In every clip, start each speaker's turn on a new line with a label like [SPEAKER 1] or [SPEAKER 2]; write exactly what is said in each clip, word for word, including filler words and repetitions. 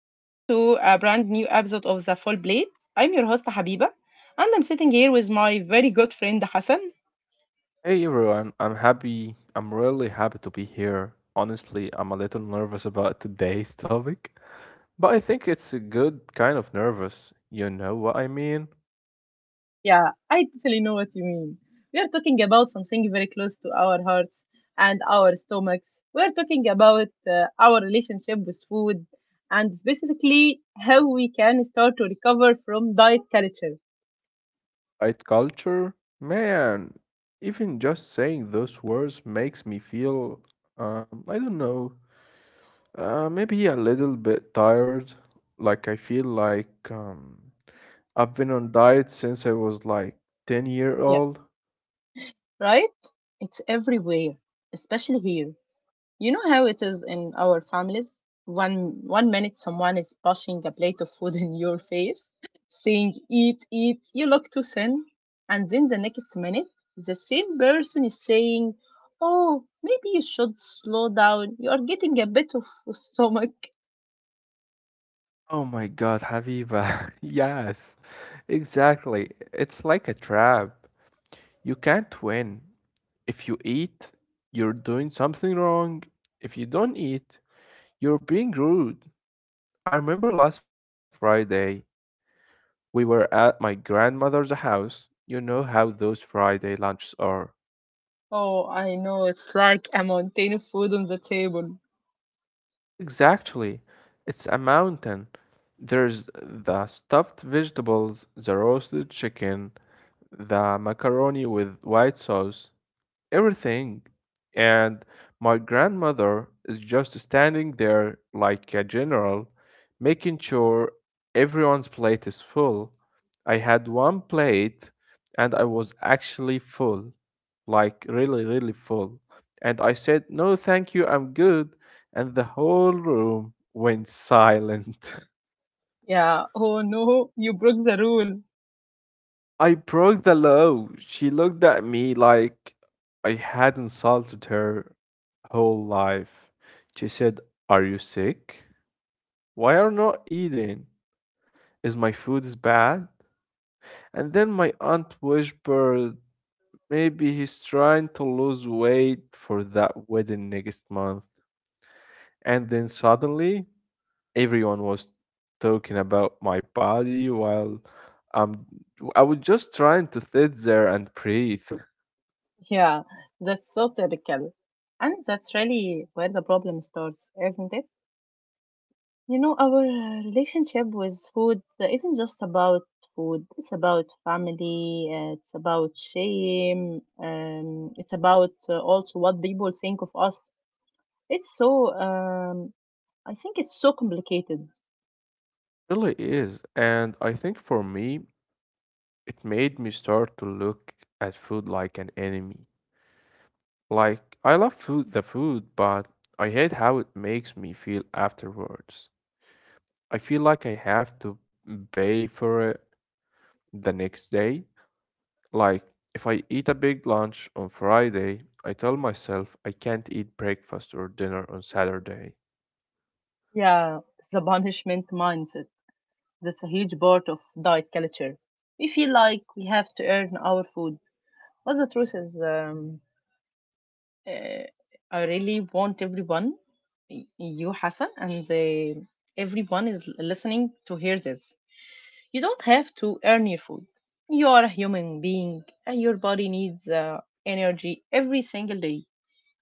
[SPEAKER 1] welcome to a brand new episode of The Full Plate. I'm your host Habiba, and I'm sitting here with my very good friend Hassan.
[SPEAKER 2] Hey everyone, I'm happy. I'm really happy to be here. Honestly, I'm a little nervous about today's topic, but I think it's a good kind of nervous. You know what I mean?
[SPEAKER 1] Yeah, I totally know what you mean. We are talking about something very close to our hearts and our stomachs. We are talking about uh, our relationship with food and specifically how we can start to recover from diet culture.
[SPEAKER 2] Right culture? Man, even just saying those words makes me feel, um, I don't know, uh, maybe a little bit tired. Like I feel like um, I've been on diet since I was like ten year old.
[SPEAKER 1] Right? It's everywhere, especially here. You know how it is in our families? One one minute someone is pushing a plate of food in your face, saying eat, eat, you look too thin. And then the next minute the same person is saying, "Oh, maybe you should slow down. You are getting a bit of stomach."
[SPEAKER 2] Oh my God, Habiba. Yes, exactly. It's like a trap. You can't win. If you eat, you're doing something wrong. If you don't eat, you're being rude. I remember last Friday, we were at my grandmother's house. You know how those Friday lunches are.
[SPEAKER 1] Oh, I know, it's like a mountain of food on the table.
[SPEAKER 2] Exactly. It's a mountain. There's the stuffed vegetables, the roasted chicken, the macaroni with white sauce, everything. And my grandmother is just standing there like a general, making sure everyone's plate is full. I had one plate and I was actually full, like really, really full. And I said, "No, thank you, I'm good." And the whole room went silent.
[SPEAKER 1] Yeah, oh no, you broke the rule.
[SPEAKER 2] I broke the law. She looked at me like I had insulted her whole life. She said, "Are you sick? Why are you not eating? Is my food is bad?" And then my aunt whispered, "Maybe he's trying to lose weight for that wedding next month." And then suddenly, everyone was talking about my body while um, I was just trying to sit there and breathe.
[SPEAKER 1] Yeah, that's so typical. And that's really where the problem starts, isn't it? You know, our uh, relationship with food isn't just about food, it's about family, uh, it's about shame, um, it's about uh, also what people think of us. It's so, um, I think it's so complicated.
[SPEAKER 2] Really is. And I think for me, it made me start to look at food like an enemy. Like, I love food, the food, but I hate how it makes me feel afterwards. I feel like I have to pay for it the next day. Like, if I eat a big lunch on Friday, I tell myself I can't eat breakfast or dinner on Saturday.
[SPEAKER 1] Yeah, the punishment mindset. That's a huge part of diet culture. We feel like we have to earn our food. But the truth is, um, uh, I really want everyone, y- you Hassan, and uh, everyone is listening to hear this. You don't have to earn your food. You are a human being, and your body needs uh, energy every single day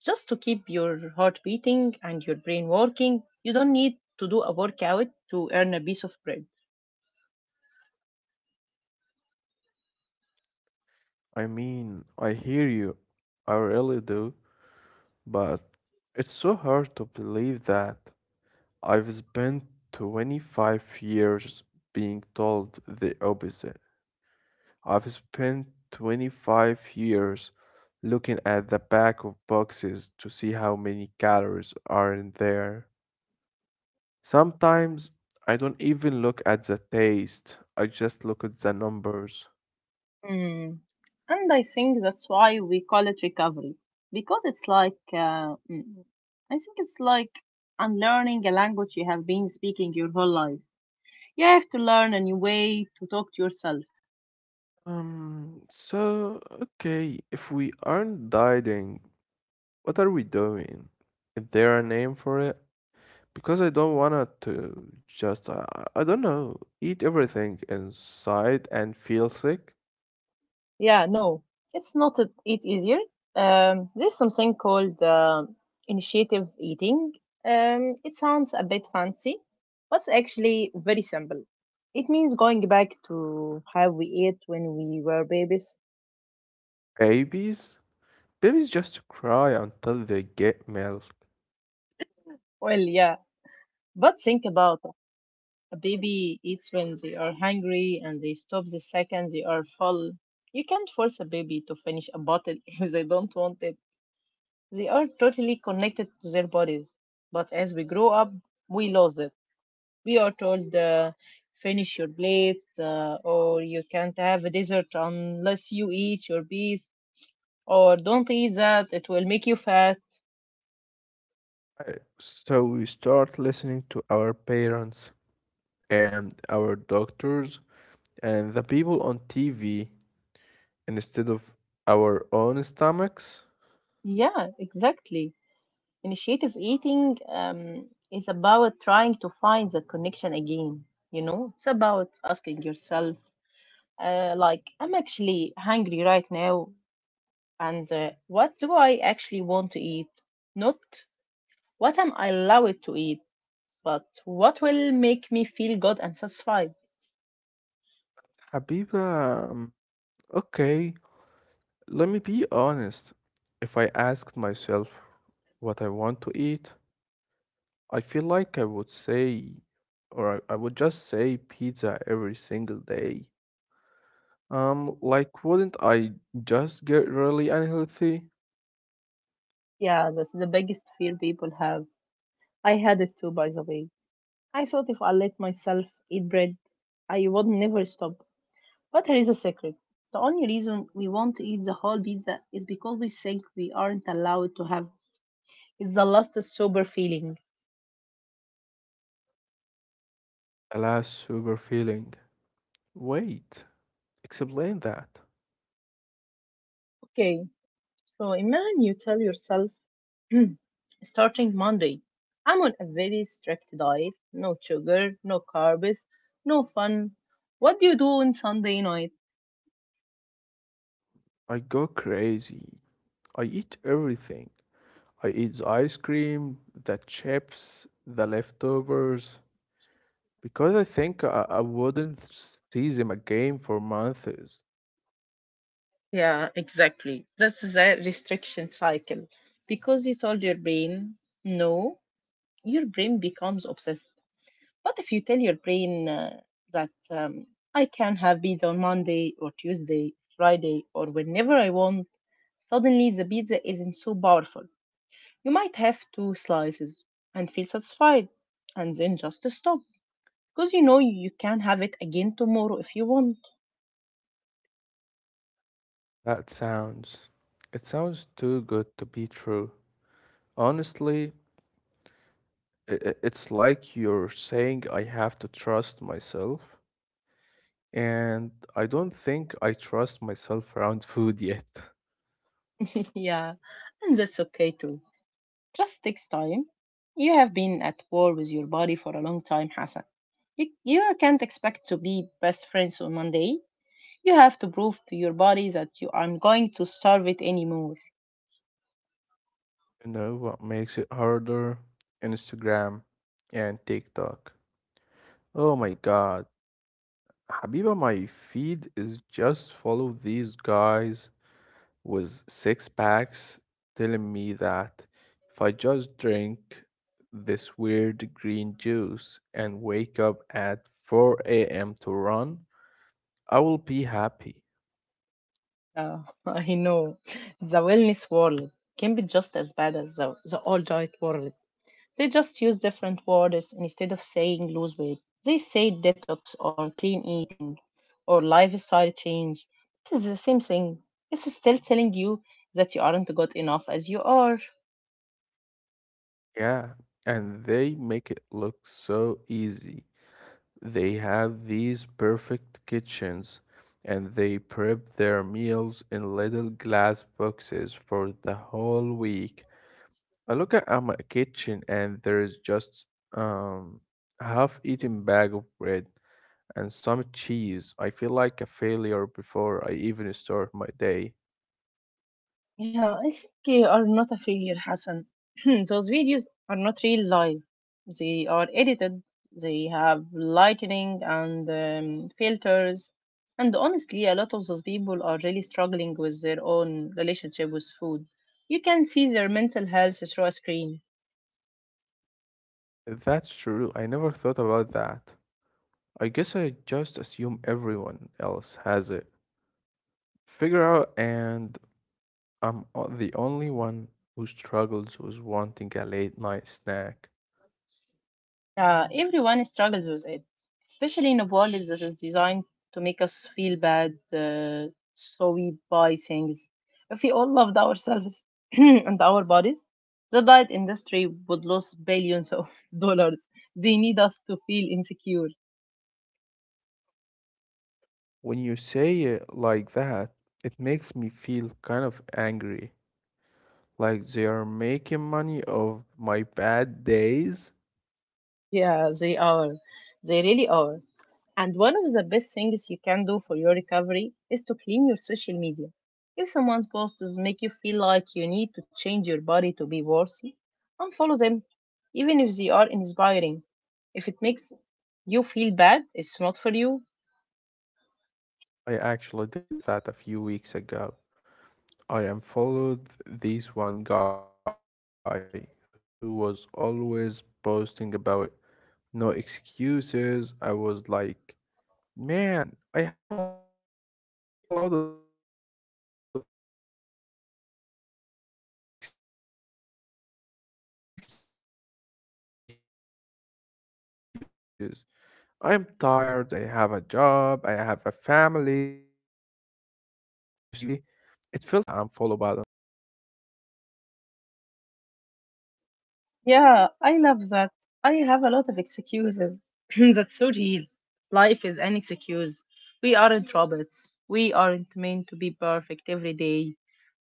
[SPEAKER 1] just to keep your heart beating and your brain working. You don't need to do a workout to earn a piece of bread.
[SPEAKER 2] I mean, I hear you. I really do. But it's so hard to believe that I've spent twenty-five years being told the opposite. I've spent twenty-five years looking at the back of boxes to see how many calories are in there. Sometimes I don't even look at the taste, I just look at the numbers.
[SPEAKER 1] Mm. And I think that's why we call it recovery because it's like, uh, mm, I think it's like unlearning a language you have been speaking your whole life. You have to learn a new way to talk to yourself.
[SPEAKER 2] Um, so, okay, if we aren't dieting, what are we doing? Is there a name for it? Because I don't wanna to just I I I don't know, eat everything inside and feel sick.
[SPEAKER 1] Yeah, no, it's not a, it easier. Um, there's something called uh, initiative eating. Um, it sounds a bit fancy, but it's actually very simple. It means going back to how we ate when we were babies.
[SPEAKER 2] Babies? Babies just cry until they get milk.
[SPEAKER 1] Well, yeah, but think about it. A baby eats when they are hungry and they stop the second they are full. You can't force a baby to finish a bottle if they don't want it. They are totally connected to their bodies. But as we grow up, we lose it. We are told, uh, finish your plate, uh, or you can't have a dessert unless you eat your bees, or don't eat that, it will make you fat.
[SPEAKER 2] I- So we start listening to our parents and our doctors and the people on T V instead of our own stomachs.
[SPEAKER 1] Yeah, exactly. Initiative eating um, is about trying to find that connection again. You know, it's about asking yourself, uh, like, I'm actually hungry right now, and uh, what do I actually want to eat? Not what am I allowed to eat, but what will make me feel good and satisfied.
[SPEAKER 2] Habiba, um, okay, let me be honest. If I asked myself what I want to eat, I feel like I would say, or I, I would just say pizza every single day. Um, like, wouldn't I just get really unhealthy?
[SPEAKER 1] Yeah, that's the biggest fear people have. I had it too, by the way. I thought if I let myself eat bread, I would never stop. But here is a secret. The only reason we want to eat the whole pizza is because we think we aren't allowed to have. It's the last sober feeling.
[SPEAKER 2] Alas, super feeling. Wait, explain that.
[SPEAKER 1] Okay, so imagine you tell yourself, "Hmm, starting Monday, I'm on a very strict diet. No sugar, no carbs, no fun. What do you do on Sunday night?"
[SPEAKER 2] I go crazy. I eat everything. I eat the ice cream, the chips, the leftovers, because I think I, I wouldn't see them again for months.
[SPEAKER 1] Yeah, exactly. That's the restriction cycle. Because you told your brain, "No," your brain becomes obsessed. But if you tell your brain uh, that um, I can have pizza on Monday or Tuesday, Friday, or whenever I want, suddenly the pizza isn't so powerful. You might have two slices and feel satisfied, and then just stop because you know you can have it again tomorrow if you want.
[SPEAKER 2] That sounds, it sounds too good to be true. Honestly, i- i- it's like you're saying I have to trust myself, and I don't think I trust myself around food yet.
[SPEAKER 1] Yeah, and that's okay too. Trust takes time. You have been at war with your body for a long time, Hassan. You, you can't expect to be best friends on Monday. You have to prove to your body that you aren't going to starve it anymore.
[SPEAKER 2] You know what makes it harder? Instagram and TikTok. Oh my God. Habiba, my feed is just full of these guys with six packs telling me that if I just drink this weird green juice and wake up at four a m to run, I will be happy.
[SPEAKER 1] Uh, I know. The wellness world can be just as bad as the, the all diet world. They just use different words instead of saying lose weight. They say detox or clean eating or lifestyle change. It is the same thing. It's still telling you that you aren't good enough as you are.
[SPEAKER 2] Yeah, and they make it look so easy. They have these perfect kitchens and they prep their meals in little glass boxes for the whole week. I look at at my kitchen and there is just um, a half-eaten bag of bread and some cheese. I feel like a failure before I even start my day.
[SPEAKER 1] Yeah, I think they are not a failure, Hassan. Those videos are not real live. They are edited. They have lighting and um, filters. And honestly, a lot of those people are really struggling with their own relationship with food. You can see their mental health through a screen.
[SPEAKER 2] That's true. I never thought about that. I guess I just assume everyone else has it Figure out, and I'm o- the only one who struggles with wanting a late night snack.
[SPEAKER 1] Yeah, everyone struggles with it, especially in a world that is designed to make us feel bad, uh, so we buy things. If we all loved ourselves and our bodies, the diet industry would lose billions of dollars. They need us to feel insecure.
[SPEAKER 2] When you say it like that, it makes me feel kind of angry. Like they are making money of my bad days.
[SPEAKER 1] Yeah, they are. They really are. And one of the best things you can do for your recovery is to clean your social media. If someone's posts make you feel like you need to change your body to be worthy, unfollow them even if they are inspiring. If it makes you feel bad, it's not for you.
[SPEAKER 2] I actually did that a few weeks ago. I unfollowed this one guy who was always posting about no excuses. I was like, man, I have a lot of excuses. I'm tired, I have a job, I have a family. It feels so good to hit that unfollow button.
[SPEAKER 1] Yeah, I love that. I have a lot of excuses. That's so real. Life is an excuse. We aren't robots. We aren't meant to be perfect every day.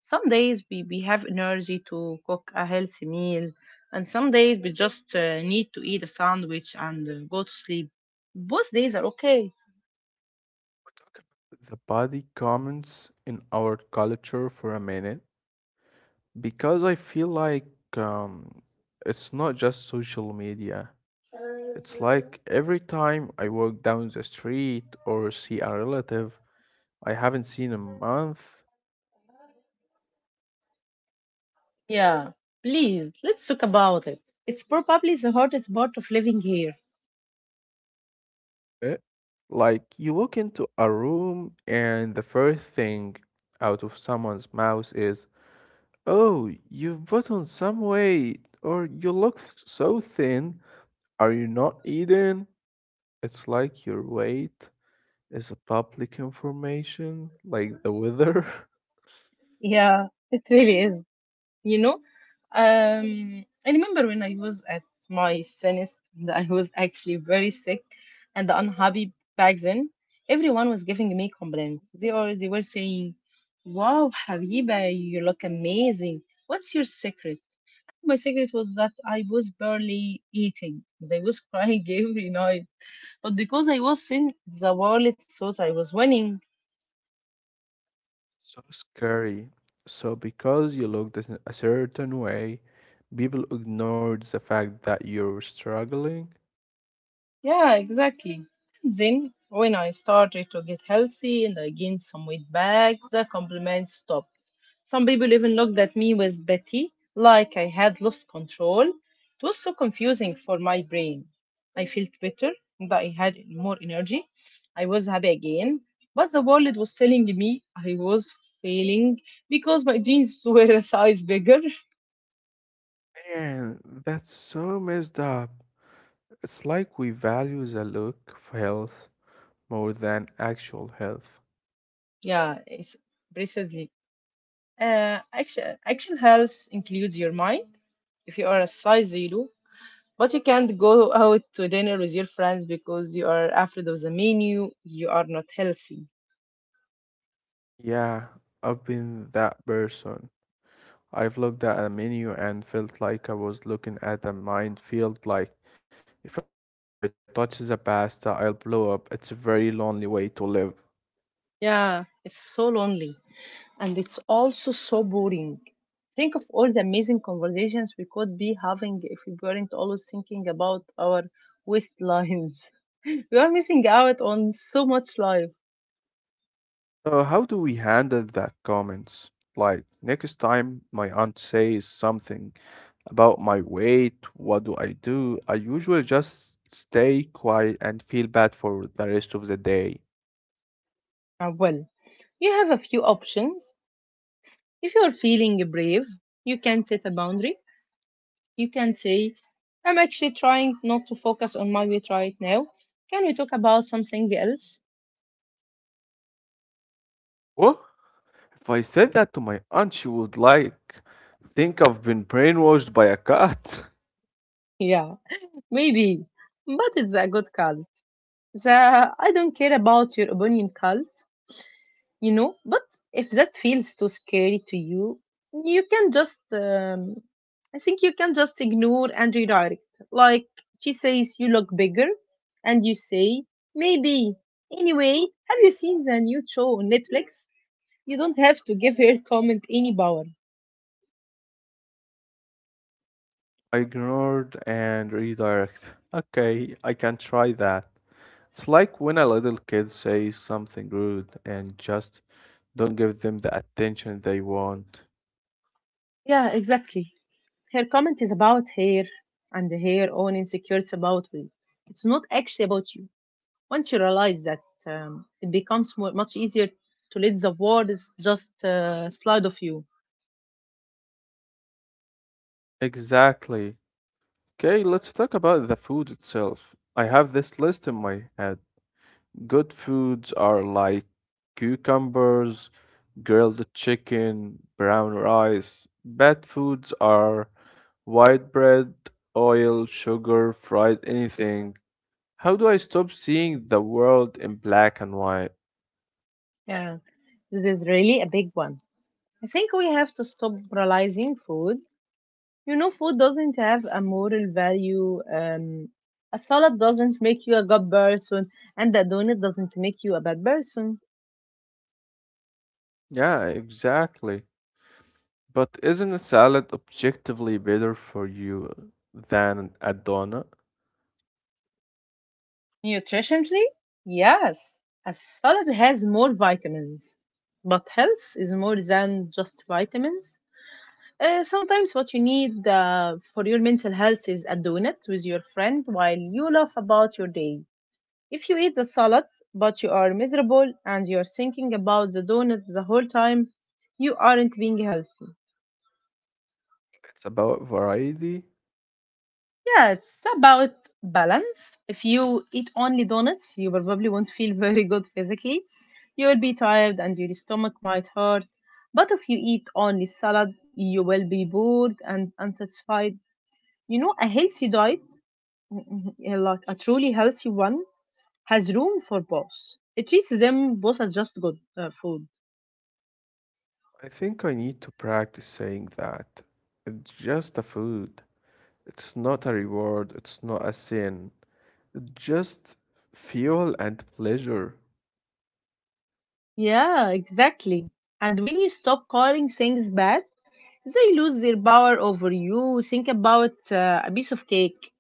[SPEAKER 1] Some days we, we have energy to cook a healthy meal, and some days we just uh, need to eat a sandwich and uh, go to sleep. Both days are okay.
[SPEAKER 2] The body comments in our culture for a minute. Because I feel like um, it's not just social media. It's like every time I walk down the street or see a relative I haven't seen in a month,
[SPEAKER 1] Yeah, please, let's talk about it. It's probably the hardest part of living here.
[SPEAKER 2] eh, like you walk into a room and the first thing out of someone's mouth is, "Oh, you've put on some weight," or "You look so thin. Are you not eating?" It's like your weight is a public information like the weather.
[SPEAKER 1] Yeah, it really is. You know, um, I remember when I was at my sinist, and I was actually very sick and unhappy back then. Everyone was giving me compliments. They or they were saying, "Wow, Habiba, you look amazing. What's your secret?" My secret was that I was barely eating, and I was crying every night, but because I was in, the world thought I was winning.
[SPEAKER 2] So scary. So because you looked a a certain way, people ignored the fact that you're struggling.
[SPEAKER 1] Yeah, exactly. And then, when I started to get healthy and I gained some weight back, the compliments stopped. Some people even looked at me with pity, like I had lost control. It was so confusing for my brain. I felt better, that I had more energy. I was happy again. But the world was telling me I was failing because my jeans were a size bigger.
[SPEAKER 2] Man, that's so messed up. It's like we value the look of health more than actual health.
[SPEAKER 1] Yeah, it's precisely. Uh, action, action health includes your mind. If you are a size zero, but you can't go out to dinner with your friends because you are afraid of the menu, you are not healthy.
[SPEAKER 2] Yeah, I've been that person. I've looked at a menu and felt like I was looking at a minefield. Like, if I touch the pasta, I'll blow up. It's a very lonely way to live.
[SPEAKER 1] Yeah, it's so lonely and it's also so boring. Think of all the amazing conversations we could be having if we weren't always thinking about our waistlines. We are missing out on so much life.
[SPEAKER 2] So, how do we handle that comments? Like, next time my aunt says something about my weight, what do I do? I usually just stay quiet and feel bad for the rest of the day.
[SPEAKER 1] Uh, well, you have a few options. If you are feeling brave, you can set a boundary. You can say, "I'm actually trying not to focus on my weight right now. Can we talk about something else?"
[SPEAKER 2] What if I said that to my aunt, she would like think I've been brainwashed by a cat.
[SPEAKER 1] Yeah, maybe. But it's a good call. The "I don't care about your opinion" call, you know. But if that feels too scary to you, you can just, um, I think you can just ignore and redirect. Like she says, "You look bigger," and you say, "Maybe. Anyway, have you seen the new show on Netflix?" You don't have to give her comment any power.
[SPEAKER 2] Ignored and redirect. Okay, I can try that. It's like when a little kid says something rude and just don't give them the attention they want.
[SPEAKER 1] Yeah, exactly. Her comment is about her and her own insecurities about weight. It's not actually about you. Once you realize that, um, it becomes more, much easier to let the world is just uh, slide of you.
[SPEAKER 2] Exactly. Okay, let's talk about the food itself. I have this list in my head. Good foods are like cucumbers, grilled chicken, brown rice. Bad foods are white bread, oil, sugar, fried anything. How do I stop seeing the world in black and white?
[SPEAKER 1] Yeah. This is really a big one. I think we have to stop realizing food. You know, food doesn't have a moral value. Um, a salad doesn't make you a good person, and a donut doesn't make you a bad person.
[SPEAKER 2] Yeah, exactly. But isn't a salad objectively better for you than a donut?
[SPEAKER 1] Nutritionally, yes, a salad has more vitamins, but health is more than just vitamins. Uh, sometimes what you need uh, for your mental health is a donut with your friend while you laugh about your day. If you eat the salad but you are miserable and you're thinking about the donut the whole time, you aren't being healthy.
[SPEAKER 2] It's about variety.
[SPEAKER 1] Yeah, it's about balance. If you eat only donuts, you probably won't feel very good physically. You will be tired and your stomach might hurt. But if you eat only salad, you will be bored and unsatisfied. You know, a healthy diet, like a truly healthy one, has room for both. It treats them both as just good uh, food.
[SPEAKER 2] I think I need to practice saying that. It's just a food. It's not a reward. It's not a sin. It's just fuel and pleasure.
[SPEAKER 1] Yeah, exactly. And when you stop calling things bad, they lose their power over you. Think about uh, a piece of cake.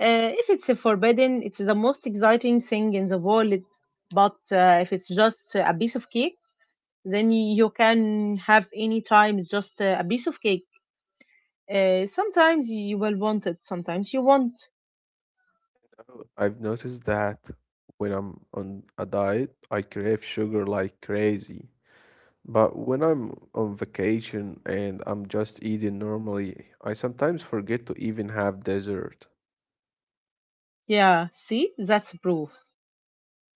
[SPEAKER 1] Uh, if it's forbidden, it's the most exciting thing in the world. But uh, if it's just a piece of cake, then you can have any time just a piece of cake. Uh, sometimes you will want it, sometimes you won't.
[SPEAKER 2] Oh, I've noticed that when I'm on a diet, I crave sugar like crazy. But when I'm on vacation and I'm just eating normally, I sometimes forget to even have dessert.
[SPEAKER 1] Yeah, see, that's proof.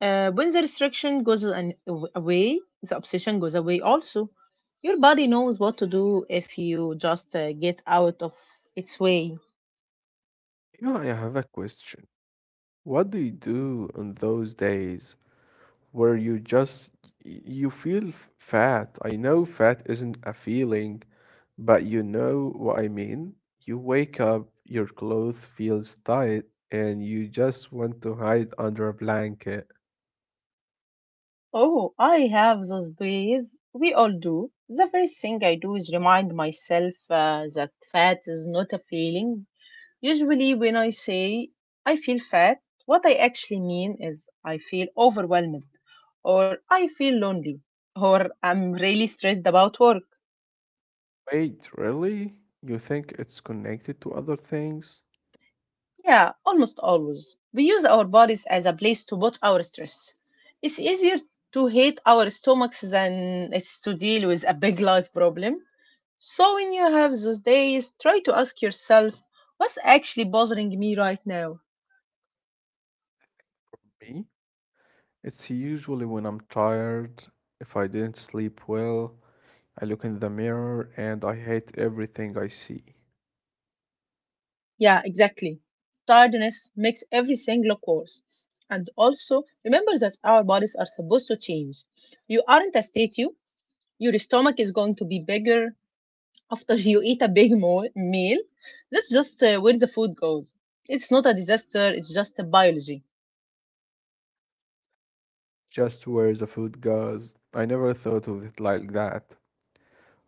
[SPEAKER 1] Uh, when the restriction goes an- away, the obsession goes away also. Your body knows what to do if you just uh, get out of its way.
[SPEAKER 2] You know, I have a question. What do you do on those days where you just y- you feel f- fat? I know fat isn't a feeling, but you know what I mean. You wake up, your clothes feels tight, and you just want to hide under a blanket.
[SPEAKER 1] Oh, I have those days. We all do. The first thing I do is remind myself uh, that fat is not a feeling. Usually, when I say I feel fat, what I actually mean is I feel overwhelmed, or I feel lonely, or I'm really stressed about work.
[SPEAKER 2] Wait, really? You think it's connected to other things?
[SPEAKER 1] Yeah, almost always. We use our bodies as a place to put our stress. It's easier to hate our stomachs than it's to deal with a big life problem. So when you have those days, try to ask yourself, what's actually bothering me right now?
[SPEAKER 2] Me? It's usually when I'm tired, if I didn't sleep well, I look in the mirror and I hate everything I see.
[SPEAKER 1] Yeah, exactly. Tiredness makes everything look worse. And also, remember that our bodies are supposed to change. You aren't a statue. Your stomach is going to be bigger after you eat a big mo- meal. That's just uh, where the food goes. It's not a disaster, it's just a biology.
[SPEAKER 2] Just where the food goes. I never thought of it like that.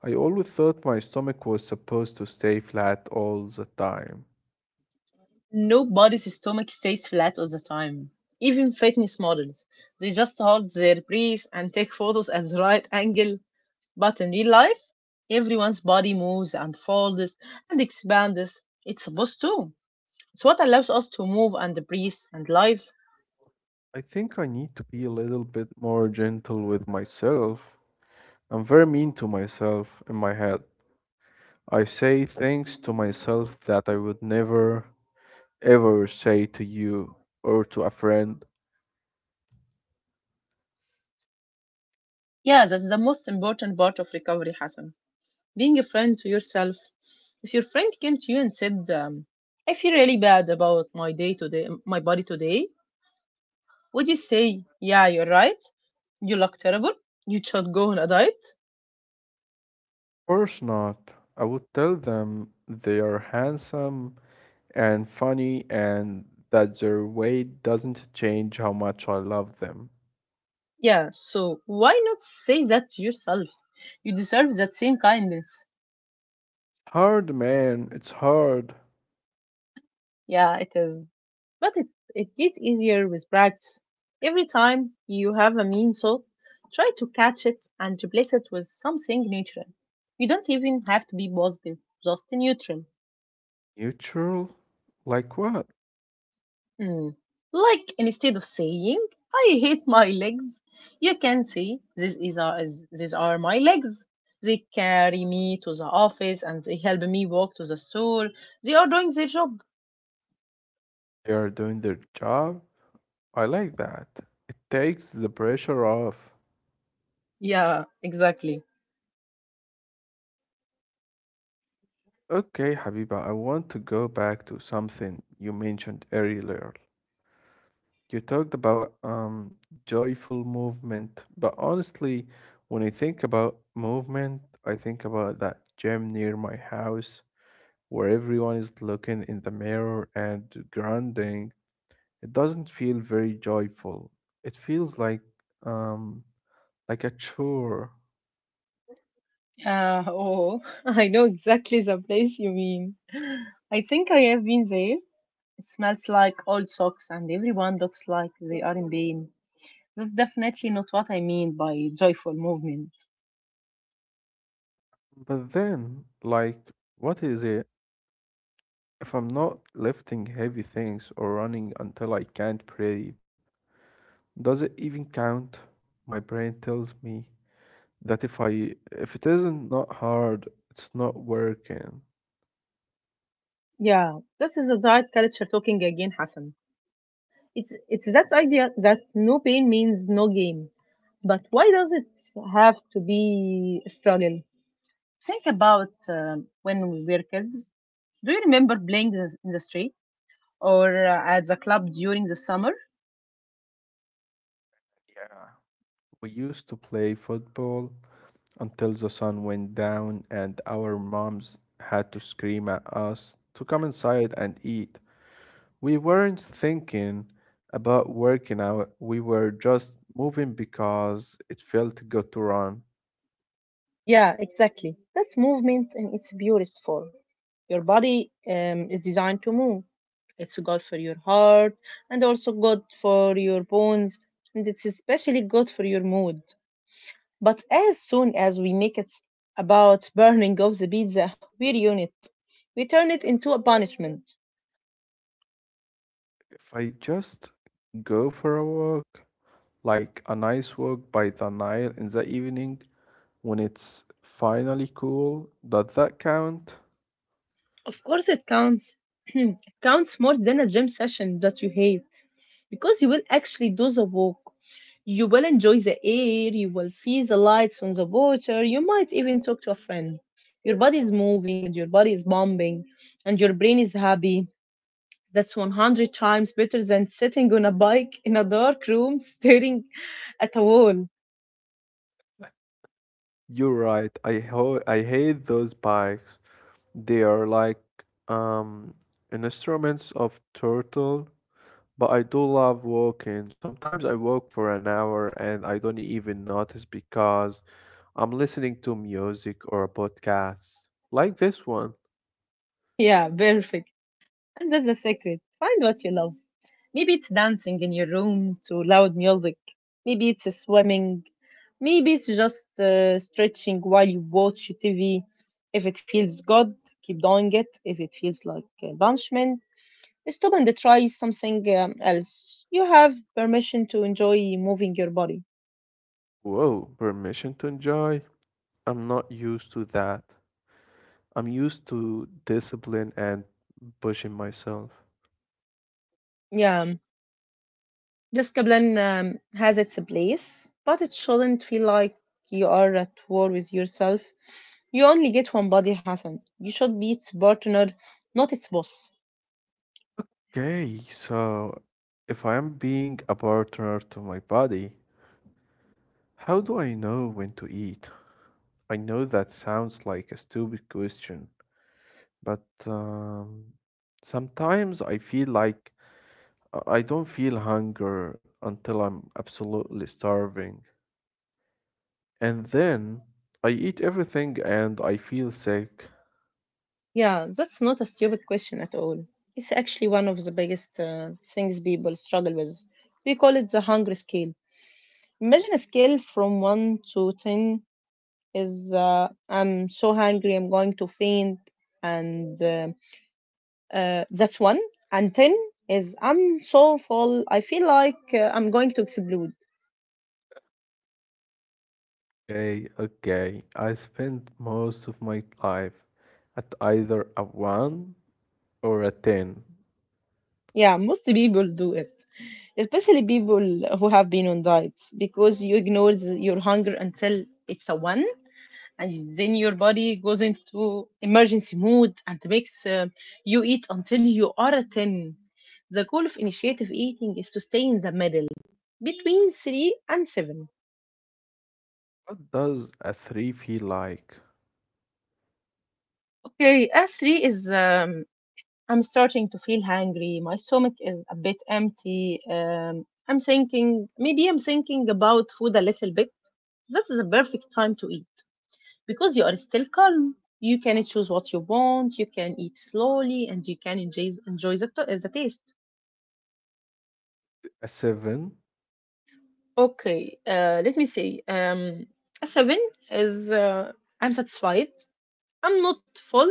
[SPEAKER 2] I always thought my stomach was supposed to stay flat all the time.
[SPEAKER 1] Nobody's stomach stays flat all the time. Even fitness models, they just hold their breath and take photos at the right angle. But in real life, everyone's body moves and folds and expands. It's supposed to. It's what allows us to move and breathe and live.
[SPEAKER 2] I think I need to be a little bit more gentle with myself. I'm very mean to myself in my head. I say things to myself that I would never, ever say to you or to a friend.
[SPEAKER 1] Yeah, that's the most important part of recovery, Hassan. Being a friend to yourself. If your friend came to you and said, um, I feel really bad about my day today, my body today, would you say, yeah, you're right, you look terrible, you should go on a diet?
[SPEAKER 2] Course not. I would tell them they are handsome and funny and that their weight doesn't change how much I love them.
[SPEAKER 1] Yeah, so why not say that to yourself? You deserve that same kindness.
[SPEAKER 2] Hard, man, it's hard.
[SPEAKER 1] Yeah, it is. But it, it gets easier with practice. Every time you have a mean thought, try to catch it and replace it with something neutral. You don't even have to be positive, just neutral.
[SPEAKER 2] Neutral? Like what?
[SPEAKER 1] Hmm. Like instead of saying "I hate my legs," you can say "This is a, is- these are my legs. They carry me to the office and they help me walk to the store. They are doing their job."
[SPEAKER 2] They are doing their job? I like that. It takes the pressure off.
[SPEAKER 1] Yeah, exactly.
[SPEAKER 2] Okay, Habiba, I want to go back to something you mentioned earlier. You talked about um, joyful movement, but honestly, when I think about movement, I think about that gym near my house where everyone is looking in the mirror and grinding. It doesn't feel very joyful. It feels like um, like a chore.
[SPEAKER 1] Uh, oh, I know exactly the place you mean. I think I have been there. It smells like old socks, and everyone looks like they are in pain. That's definitely not what I mean by joyful movement.
[SPEAKER 2] But then, like, what is it if I'm not lifting heavy things or running until I can't breathe? Does it even count? My brain tells me that if I if it isn't not hard, it's not working.
[SPEAKER 1] Yeah, this is the diet culture talking again, Hassan. It's it's that idea that no pain means no gain. But why does it have to be a struggle? Think about um when we were kids. Do you remember playing the- in the street or uh, at the club during the summer?
[SPEAKER 2] Yeah. We used to play football until the sun went down and our moms had to scream at us to come inside and eat. We weren't thinking about working out. We were just moving because it felt good to run.
[SPEAKER 1] Yeah, exactly. That's movement in its purest form. Your body um, is designed to move. It's good for your heart and also good for your bones, and it's especially good for your mood. But as soon as we make it about burning off the pizza, we ruin it. We turn it into a punishment.
[SPEAKER 2] If I just go for a walk, like a nice walk by the Nile in the evening, when it's finally cool. Does that count?
[SPEAKER 1] Of course, it counts. It counts more than a gym session that you hate because you will actually do the walk. You will enjoy the air, you will see the lights on the water, you might even talk to a friend. Your body is moving and your body is bombing and your brain is happy. That's a hundred times better than sitting on a bike in a dark room staring at a wall.
[SPEAKER 2] You're right. I ho I hate those bikes. They are like um instruments of turtle, but I do love walking. Sometimes I walk for an hour and I don't even notice because I'm listening to music or a podcast. Like this one.
[SPEAKER 1] Yeah, perfect. And that's the secret. Find what you love. Maybe it's dancing in your room to loud music. Maybe it's swimming. Maybe it's just uh, stretching while you watch T V. If it feels good, keep doing it. If it feels like uh, punishment, stop and try something um, else. You have permission to enjoy moving your body.
[SPEAKER 2] Whoa, permission to enjoy? I'm not used to that. I'm used to discipline and pushing myself.
[SPEAKER 1] Yeah, discipline um, has its place, but it shouldn't feel like you are at war with yourself. You only get one body, Hassan. You should be its partner, not its boss.
[SPEAKER 2] Okay, so if I am being a partner to my body, how do I know when to eat? I know that sounds like a stupid question, but um, sometimes I feel like I I don't feel hunger until I'm absolutely starving. And then I eat everything and I feel sick.
[SPEAKER 1] Yeah, that's not a stupid question at all. It's actually one of the biggest uh, things people struggle with. We call it the hunger scale. Imagine a scale from one to ten is the I'm so hungry, I'm going to faint, and uh, Uh, that's one. And ten is I'm so full. I feel like uh, I'm going to explode.
[SPEAKER 2] Okay, okay. I spend most of my life at either a one or a ten.
[SPEAKER 1] Yeah, most people do it, especially people who have been on diets because you ignore the- your hunger until it's a one and then your body goes into emergency mode and makes uh, you eat until you are a ten. The goal of initiative eating is to stay in the middle between three and seven.
[SPEAKER 2] What does a three feel like?
[SPEAKER 1] Okay, S three is um, I'm starting to feel hungry. My stomach is a bit empty. Um, I'm thinking, maybe I'm thinking about food a little bit. That is a perfect time to eat because you are still calm. You can choose what you want. You can eat slowly and you can enjoy, enjoy the, to- the taste.
[SPEAKER 2] A seven?
[SPEAKER 1] Okay, uh, let me see. Um, a seven is uh, I'm satisfied. I'm not full,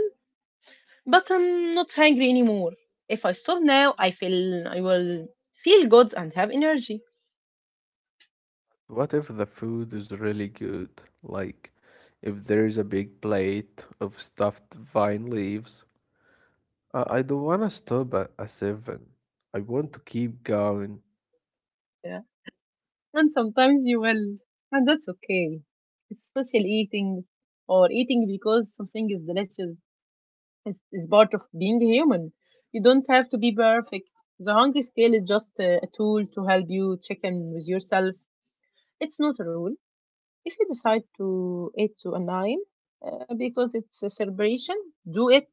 [SPEAKER 1] but I'm not hungry anymore. If I stop now, I feel I will feel good and have energy.
[SPEAKER 2] What if the food is really good? Like, if there is a big plate of stuffed vine leaves, I I don't want to stop at a seven. I want to keep going.
[SPEAKER 1] Yeah. And sometimes you will, and that's okay. It's social eating or eating because something is delicious is, is part of being human. You don't have to be perfect. The hungry scale is just a, a tool to help you check in with yourself. It's not a rule. If you decide to eat to a nine uh, because it's a celebration, do it.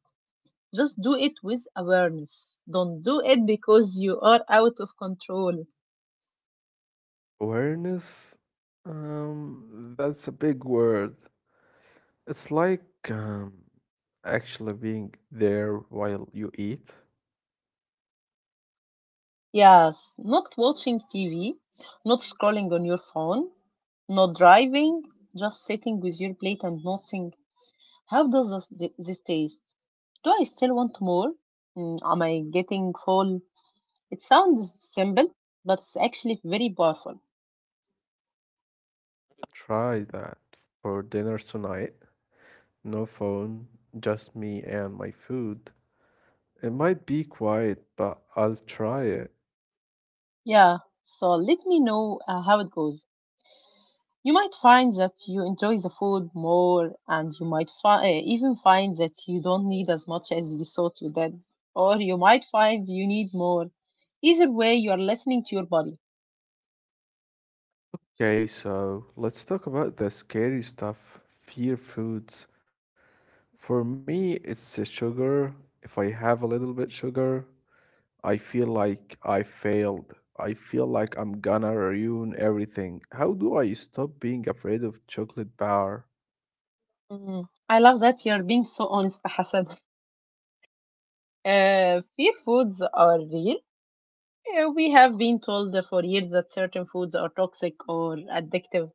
[SPEAKER 1] Just do it with awareness. Don't do it because you are out of control.
[SPEAKER 2] Awareness? Um, that's a big word. It's like um, actually being there while you eat.
[SPEAKER 1] Yes, not watching T V, not scrolling on your phone, not driving, just sitting with your plate and noticing how does this, this taste? Do I still want more? Mm, am I getting full? It sounds simple, but it's actually very powerful.
[SPEAKER 2] Try that for dinner tonight. No phone, just me and my food. It might be quiet, but I'll try it.
[SPEAKER 1] Yeah, so let me know uh, how it goes. You might find that you enjoy the food more, and you might fi- eh, even find that you don't need as much as you thought you did, or you might find you need more. Either way, you are listening to your body.
[SPEAKER 2] Okay, so let's talk about the scary stuff, fear foods. For me, it's the sugar. If I have a little bit sugar, I feel like I failed. I feel like I'm gonna ruin everything. How do I stop being afraid of chocolate bar?
[SPEAKER 1] Mm. I love that you're being so honest, Hassan. Uh, fear foods are real. Uh, we have been told for years that certain foods are toxic or addictive,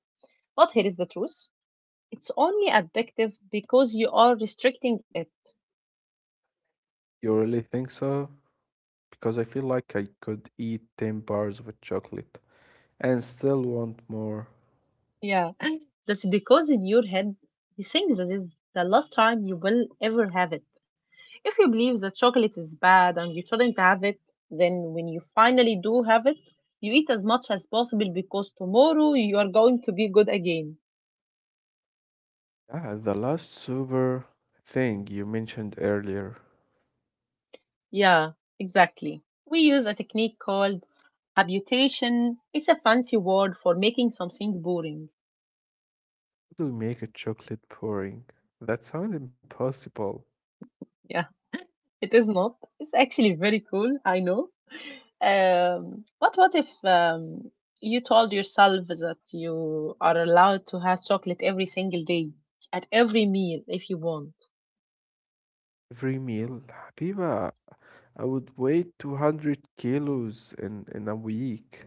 [SPEAKER 1] but here is the truth. It's only addictive because you are restricting it.
[SPEAKER 2] You really think so? Because I feel like I could eat ten bars of chocolate and still want more.
[SPEAKER 1] Yeah, that's because in your head you think that is the last time you will ever have it. If you believe that chocolate is bad and you shouldn't have it, then when you finally do have it, you eat as much as possible because tomorrow you are going to be good again.
[SPEAKER 2] Yeah, the last super thing you mentioned earlier.
[SPEAKER 1] Yeah, exactly. We use a technique called habitation. It's a fancy word for making something boring.
[SPEAKER 2] How do we make a chocolate pouring? That sounds impossible.
[SPEAKER 1] Yeah, it is not. It's actually very cool, I know. Um, but what if um, you told yourself that you are allowed to have chocolate every single day, at every meal, if you want?
[SPEAKER 2] Every meal, Habiba, I would weigh two hundred kilos in, in a week.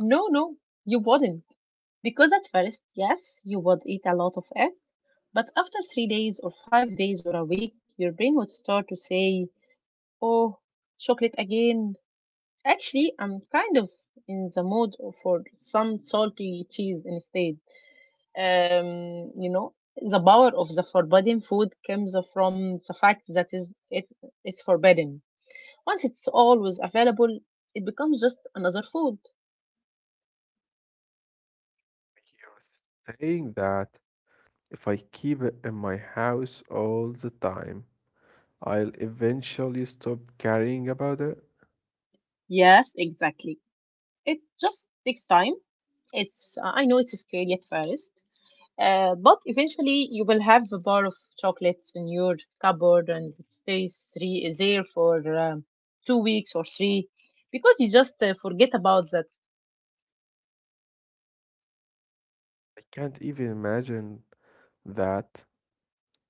[SPEAKER 1] No, no, you wouldn't. Because at first, yes, you would eat a lot of it. But after three days or five days or a week, your brain would start to say, oh, chocolate again. Actually, I'm kind of in the mood for some salty cheese instead. um, you know the power of the forbidden food comes from the fact that is it's it's forbidden. Once it's always available, it becomes just another food.
[SPEAKER 2] You're saying that if I keep it in my house all the time, I'll eventually stop caring about it.
[SPEAKER 1] Yes, exactly. It just takes time. It's uh, I know it's scary at first, uh, but eventually you will have a bar of chocolates in your cupboard and it stays three there for um, two weeks or three because you just uh, forget about that.
[SPEAKER 2] I can't even imagine that.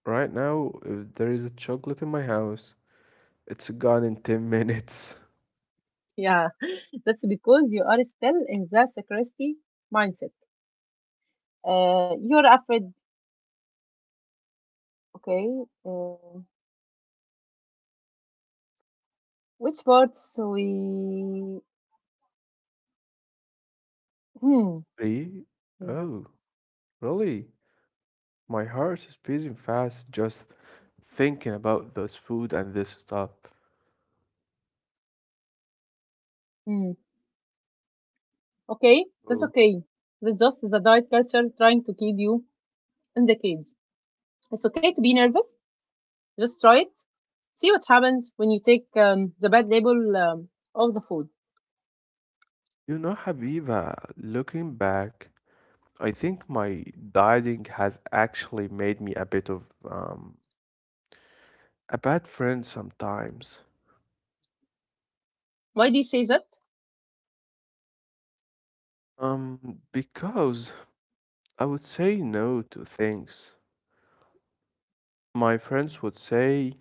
[SPEAKER 2] Right now, if there is a chocolate in my house, it's gone in ten minutes.
[SPEAKER 1] Yeah, that's because you are still in the scarcity mindset. Uh, you're afraid, okay, uh, which parts we. Hmm.
[SPEAKER 2] Three?
[SPEAKER 1] Hmm.
[SPEAKER 2] Oh, really? My heart is beating fast just thinking about this food and this stuff.
[SPEAKER 1] Hmm. Okay, that's
[SPEAKER 2] Oh,
[SPEAKER 1] okay. That's just the diet culture trying to keep you in the cage. It's okay to be nervous. Just try it. See what happens when you take um, the bad label um, of the food.
[SPEAKER 2] you know, Habiba, looking back, I think my dieting has actually made me a bit of um a bad friend sometimes.
[SPEAKER 1] Why do you say that?
[SPEAKER 2] Um, because I would say no to things. My friends would say,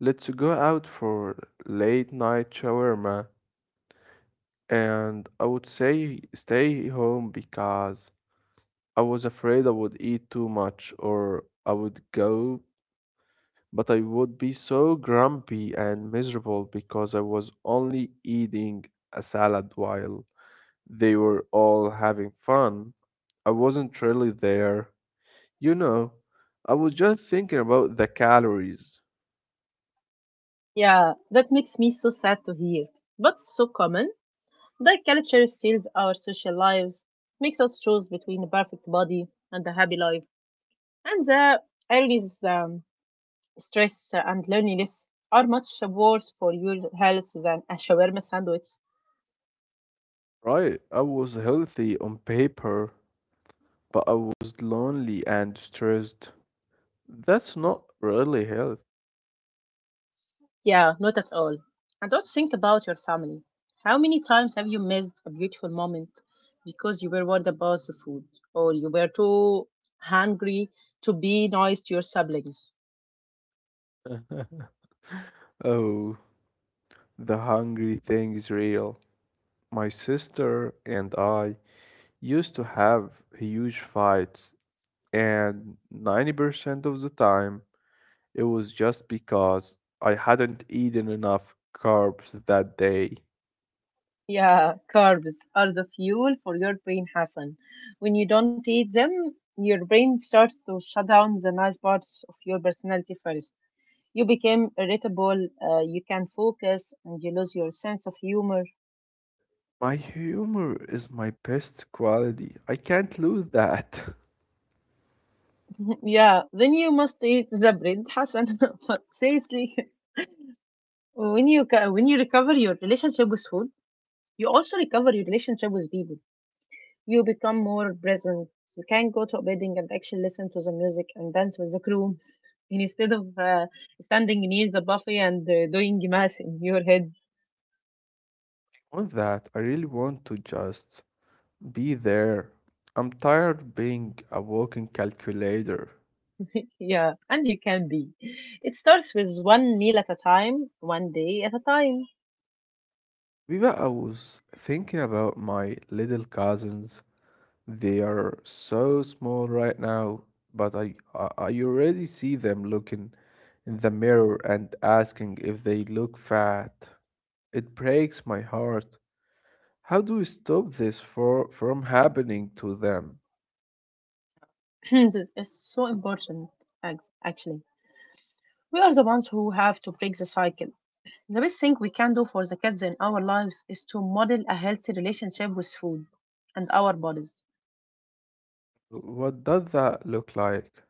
[SPEAKER 2] "Let's go out for late night shawarma." And I would say stay home because I was afraid I would eat too much, or I would go, but I would be so grumpy and miserable because I was only eating a salad while they were all having fun. I wasn't really there. You know, I was just thinking about the calories,
[SPEAKER 1] Yeah, that makes me so sad to hear, but so common. Diet culture steals our social lives, makes us choose between a perfect body and a happy life. And the earliest um, stress and loneliness are much worse for your health than a shawarma sandwich.
[SPEAKER 2] right? I was healthy on paper, but I was lonely and stressed. That's not really healthy.
[SPEAKER 1] Yeah, not at all. And don't think about your family. How many times have you missed a beautiful moment because you were worried about the food or you were too hungry to be nice to your siblings?
[SPEAKER 2] Oh, the hungry thing is real. My sister and I used to have huge fights, and ninety percent of the time it was just because I hadn't eaten enough carbs that day.
[SPEAKER 1] Yeah, carbs are the fuel for your brain, Hassan. When you don't eat them, your brain starts to shut down the nice parts of your personality first. You become irritable, uh, you can't focus, and you lose your sense of humor.
[SPEAKER 2] My humor is my best quality. I can't lose that.
[SPEAKER 1] yeah, then you must eat the bread, Hassan. But seriously, when you ca- when you recover your relationship with food, you also recover your relationship with people. You become more present. You can go to a wedding and actually listen to the music and dance with the crew instead of uh, standing near the buffet and uh, doing math in your head.
[SPEAKER 2] I want that. I really want to just be there. I'm tired of being a walking calculator.
[SPEAKER 1] Yeah, and you can be. It starts with one meal at a time, one day at a time.
[SPEAKER 2] Viva, I was thinking about my little cousins. They are so small right now, but I, I, I already see them looking in the mirror and asking if they look fat. It breaks my heart. How do we stop this for, from happening to them?
[SPEAKER 1] This is so important, ac- actually. We are the ones who have to break the cycle. The best thing we can do for the kids in our lives is to model a healthy relationship with food and our bodies.
[SPEAKER 2] What does that look like?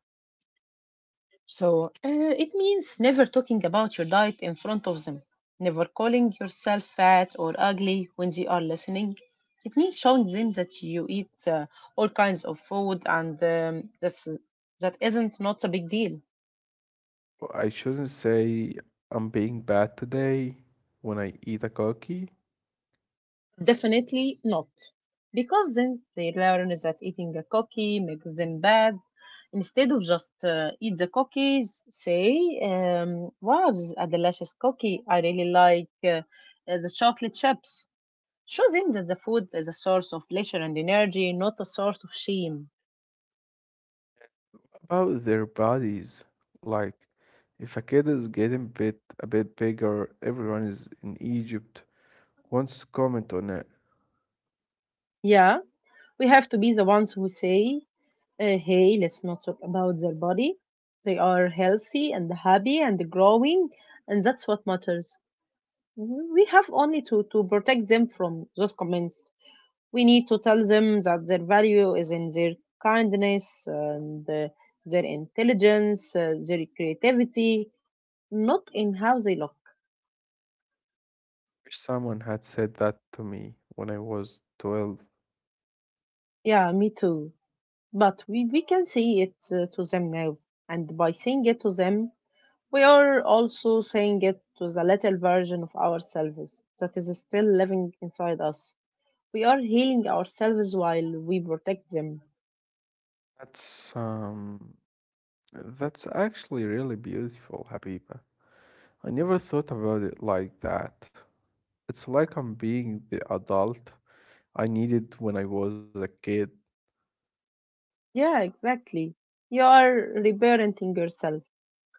[SPEAKER 1] So uh, it means never talking about your diet in front of them, never calling yourself fat or ugly when they are listening. It means showing them that you eat uh, all kinds of food, and um, that's, that isn't not a big deal.
[SPEAKER 2] I shouldn't say I'm being bad today when I eat a cookie.
[SPEAKER 1] Definitely not. Because then they learn that eating a cookie makes them bad. Instead of just uh, eat the cookies, say, um, wow, this is a delicious cookie. I really like uh, uh, the chocolate chips. Show them that the food is a source of pleasure and energy, not a source of shame.
[SPEAKER 2] About their bodies, like if a kid is getting bit a bit bigger, everyone is in Egypt wants to comment on it.
[SPEAKER 1] Yeah, we have to be the ones who say, uh, hey, let's not talk about their body. They are healthy and happy and growing, and that's what matters. Mhm. We have only to, to protect them from those comments. We need to tell them that their value is in their kindness and uh, their intelligence, uh, their creativity, not in how they look.
[SPEAKER 2] Wish someone had said that to me when I was twelve.
[SPEAKER 1] Yeah, me too. But we, we can say it uh, to them now. And by saying it to them, we are also saying it to the little version of ourselves that is still living inside us. We are healing ourselves while we protect them.
[SPEAKER 2] That's um that's actually really beautiful, Habiba. I never thought about it like that. It's like I'm being the adult I needed when I was a kid.
[SPEAKER 1] Yeah, exactly. You are reparenting yourself.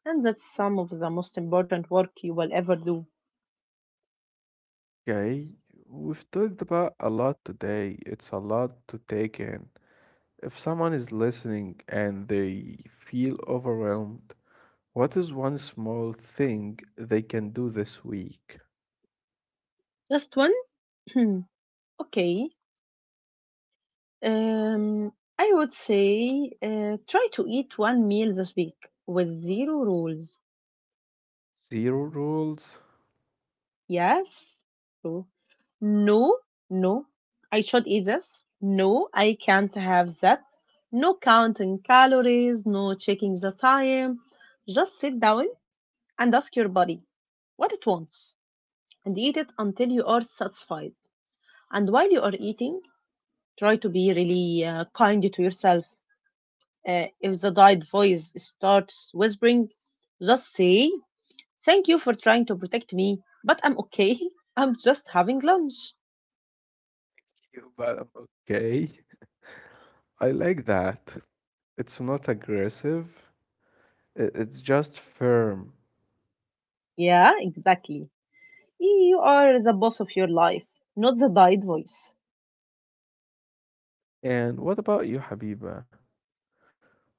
[SPEAKER 1] And that's some of the most important work you will ever do.
[SPEAKER 2] Okay, we've talked about a lot today. It's a lot to take in. If someone is listening and they feel overwhelmed, what is one small thing they can do this week?
[SPEAKER 1] Just one? Okay. Um, I would say uh, try to eat one meal this week with zero rules.
[SPEAKER 2] Zero rules?
[SPEAKER 1] Yes. True. No, no. I should eat this. No, I can't have that. No counting calories, no checking the time. Just sit down and ask your body what it wants and eat it until you are satisfied. And while you are eating, try to be really uh, kind to yourself. Uh, if the diet voice starts whispering, just say, thank you for trying to protect me, but I'm okay. I'm just having lunch.
[SPEAKER 2] You, but I'm okay. I like that. It's not aggressive, i- it's just firm.
[SPEAKER 1] Yeah, exactly. You are the boss of your life, not the died voice.
[SPEAKER 2] And what about you, Habiba?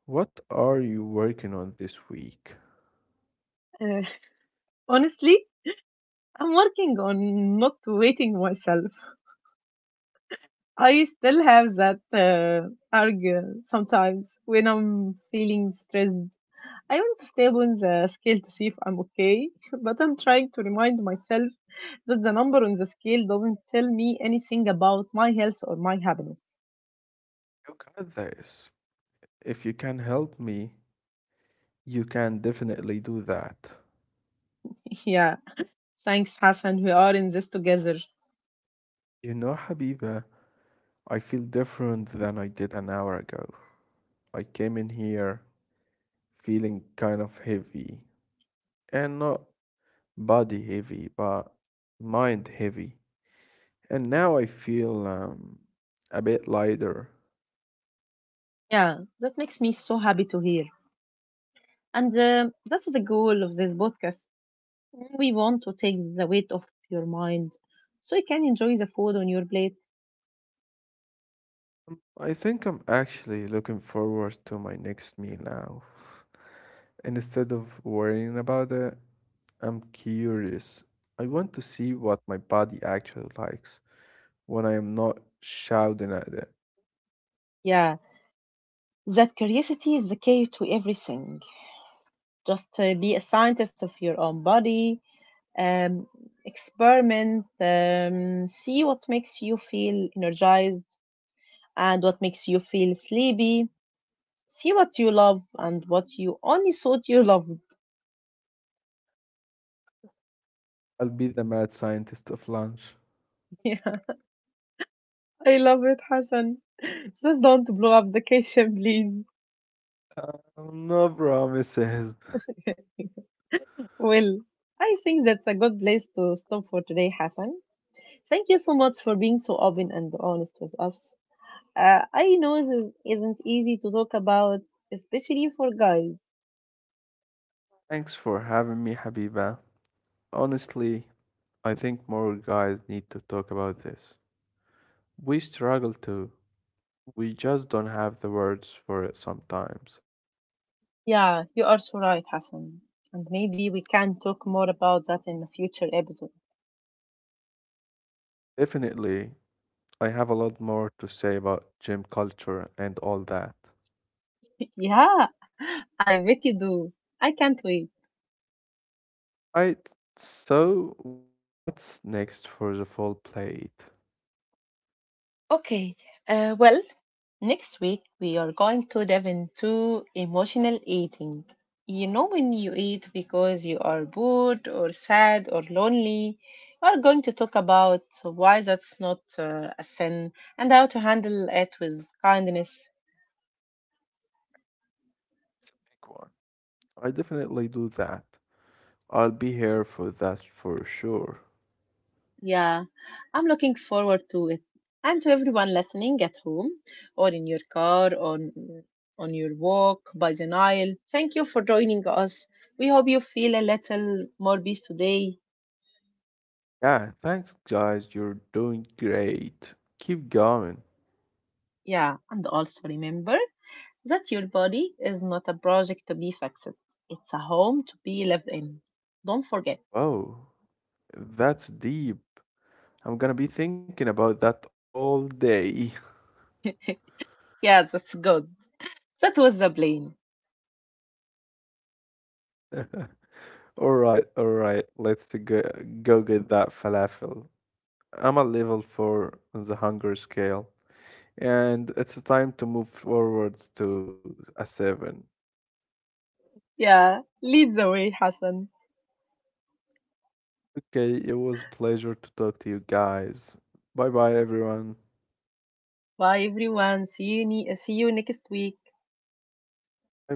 [SPEAKER 2] What are you working on this week?
[SPEAKER 1] Uh, honestly, I'm working on not waiting myself. I still have that uh, argue sometimes when I'm feeling stressed. I want to stay on the scale to see if I'm okay, but I'm trying to remind myself that the number on the scale doesn't tell me anything about my health or my happiness.
[SPEAKER 2] You got this. If you can help me, you can definitely do that.
[SPEAKER 1] yeah, thanks, Hassan. We are in this together.
[SPEAKER 2] You know, Habiba, I feel different than I did an hour ago. I came in here feeling kind of heavy, and not body heavy, but mind heavy. And now I feel um, a bit lighter.
[SPEAKER 1] Yeah, that makes me so happy to hear. And uh, that's the goal of this podcast. We want to take the weight off your mind so you can enjoy the food on your plate.
[SPEAKER 2] I think I'm actually looking forward to my next meal now. And instead of worrying about it, I'm curious. I want to see what my body actually likes when I am not shouting at it.
[SPEAKER 1] Yeah, that curiosity is the key to everything. Just uh, be a scientist of your own body, um, experiment, um, see what makes you feel energized and what makes you feel sleepy. See what you love and what you only thought you loved.
[SPEAKER 2] I'll be the mad scientist of lunch.
[SPEAKER 1] I love it, Hassan. Just don't blow up the kitchen, please.
[SPEAKER 2] Well, no promises.
[SPEAKER 1] Well, I think that's a good place to stop for today, Hassan. Thank you so much for being so open and honest with us. Uh, I know this isn't easy to talk about, especially for guys.
[SPEAKER 2] Thanks for having me, Habiba. Honestly, I think more guys need to talk about this. We struggle too. We just don't have the words for it sometimes.
[SPEAKER 1] Yeah, you are so right, Hassan. And maybe we can talk more about that in a future episode.
[SPEAKER 2] Definitely, I have a lot more to say about gym culture and all that.
[SPEAKER 1] yeah, I bet you do. I can't wait.
[SPEAKER 2] Right, so what's next for the full plate?
[SPEAKER 1] Okay, uh, well, next week, we are going to dive into emotional eating. You know, when you eat because you are bored or sad or lonely, we are going to talk about why that's not uh, a sin and how to handle it with kindness.
[SPEAKER 2] It's a big one. I definitely do that. I'll be here for that for sure.
[SPEAKER 1] Yeah, I'm looking forward to it. And to everyone listening at home or in your car or on on your walk by the Nile, thank you for joining us. We hope you feel a little more peace today.
[SPEAKER 2] Yeah, thanks guys, you're doing great. Keep going.
[SPEAKER 1] Yeah, and also remember that your body is not a project to be fixed. It's a home to be lived in. Don't forget.
[SPEAKER 2] Oh, that's deep. I'm gonna be thinking about that all day.
[SPEAKER 1] Yeah, that's good. That was the plan.
[SPEAKER 2] All right, all right, let's go go get that falafel. I'm a level four on the hunger scale, and it's time to move forward to a seven.
[SPEAKER 1] Yeah, lead the way, Hassan.
[SPEAKER 2] Okay, it was a pleasure to talk to you guys. Bye bye, everyone.
[SPEAKER 1] Bye, everyone. See you, ne- see you next week.
[SPEAKER 2] Bye bye.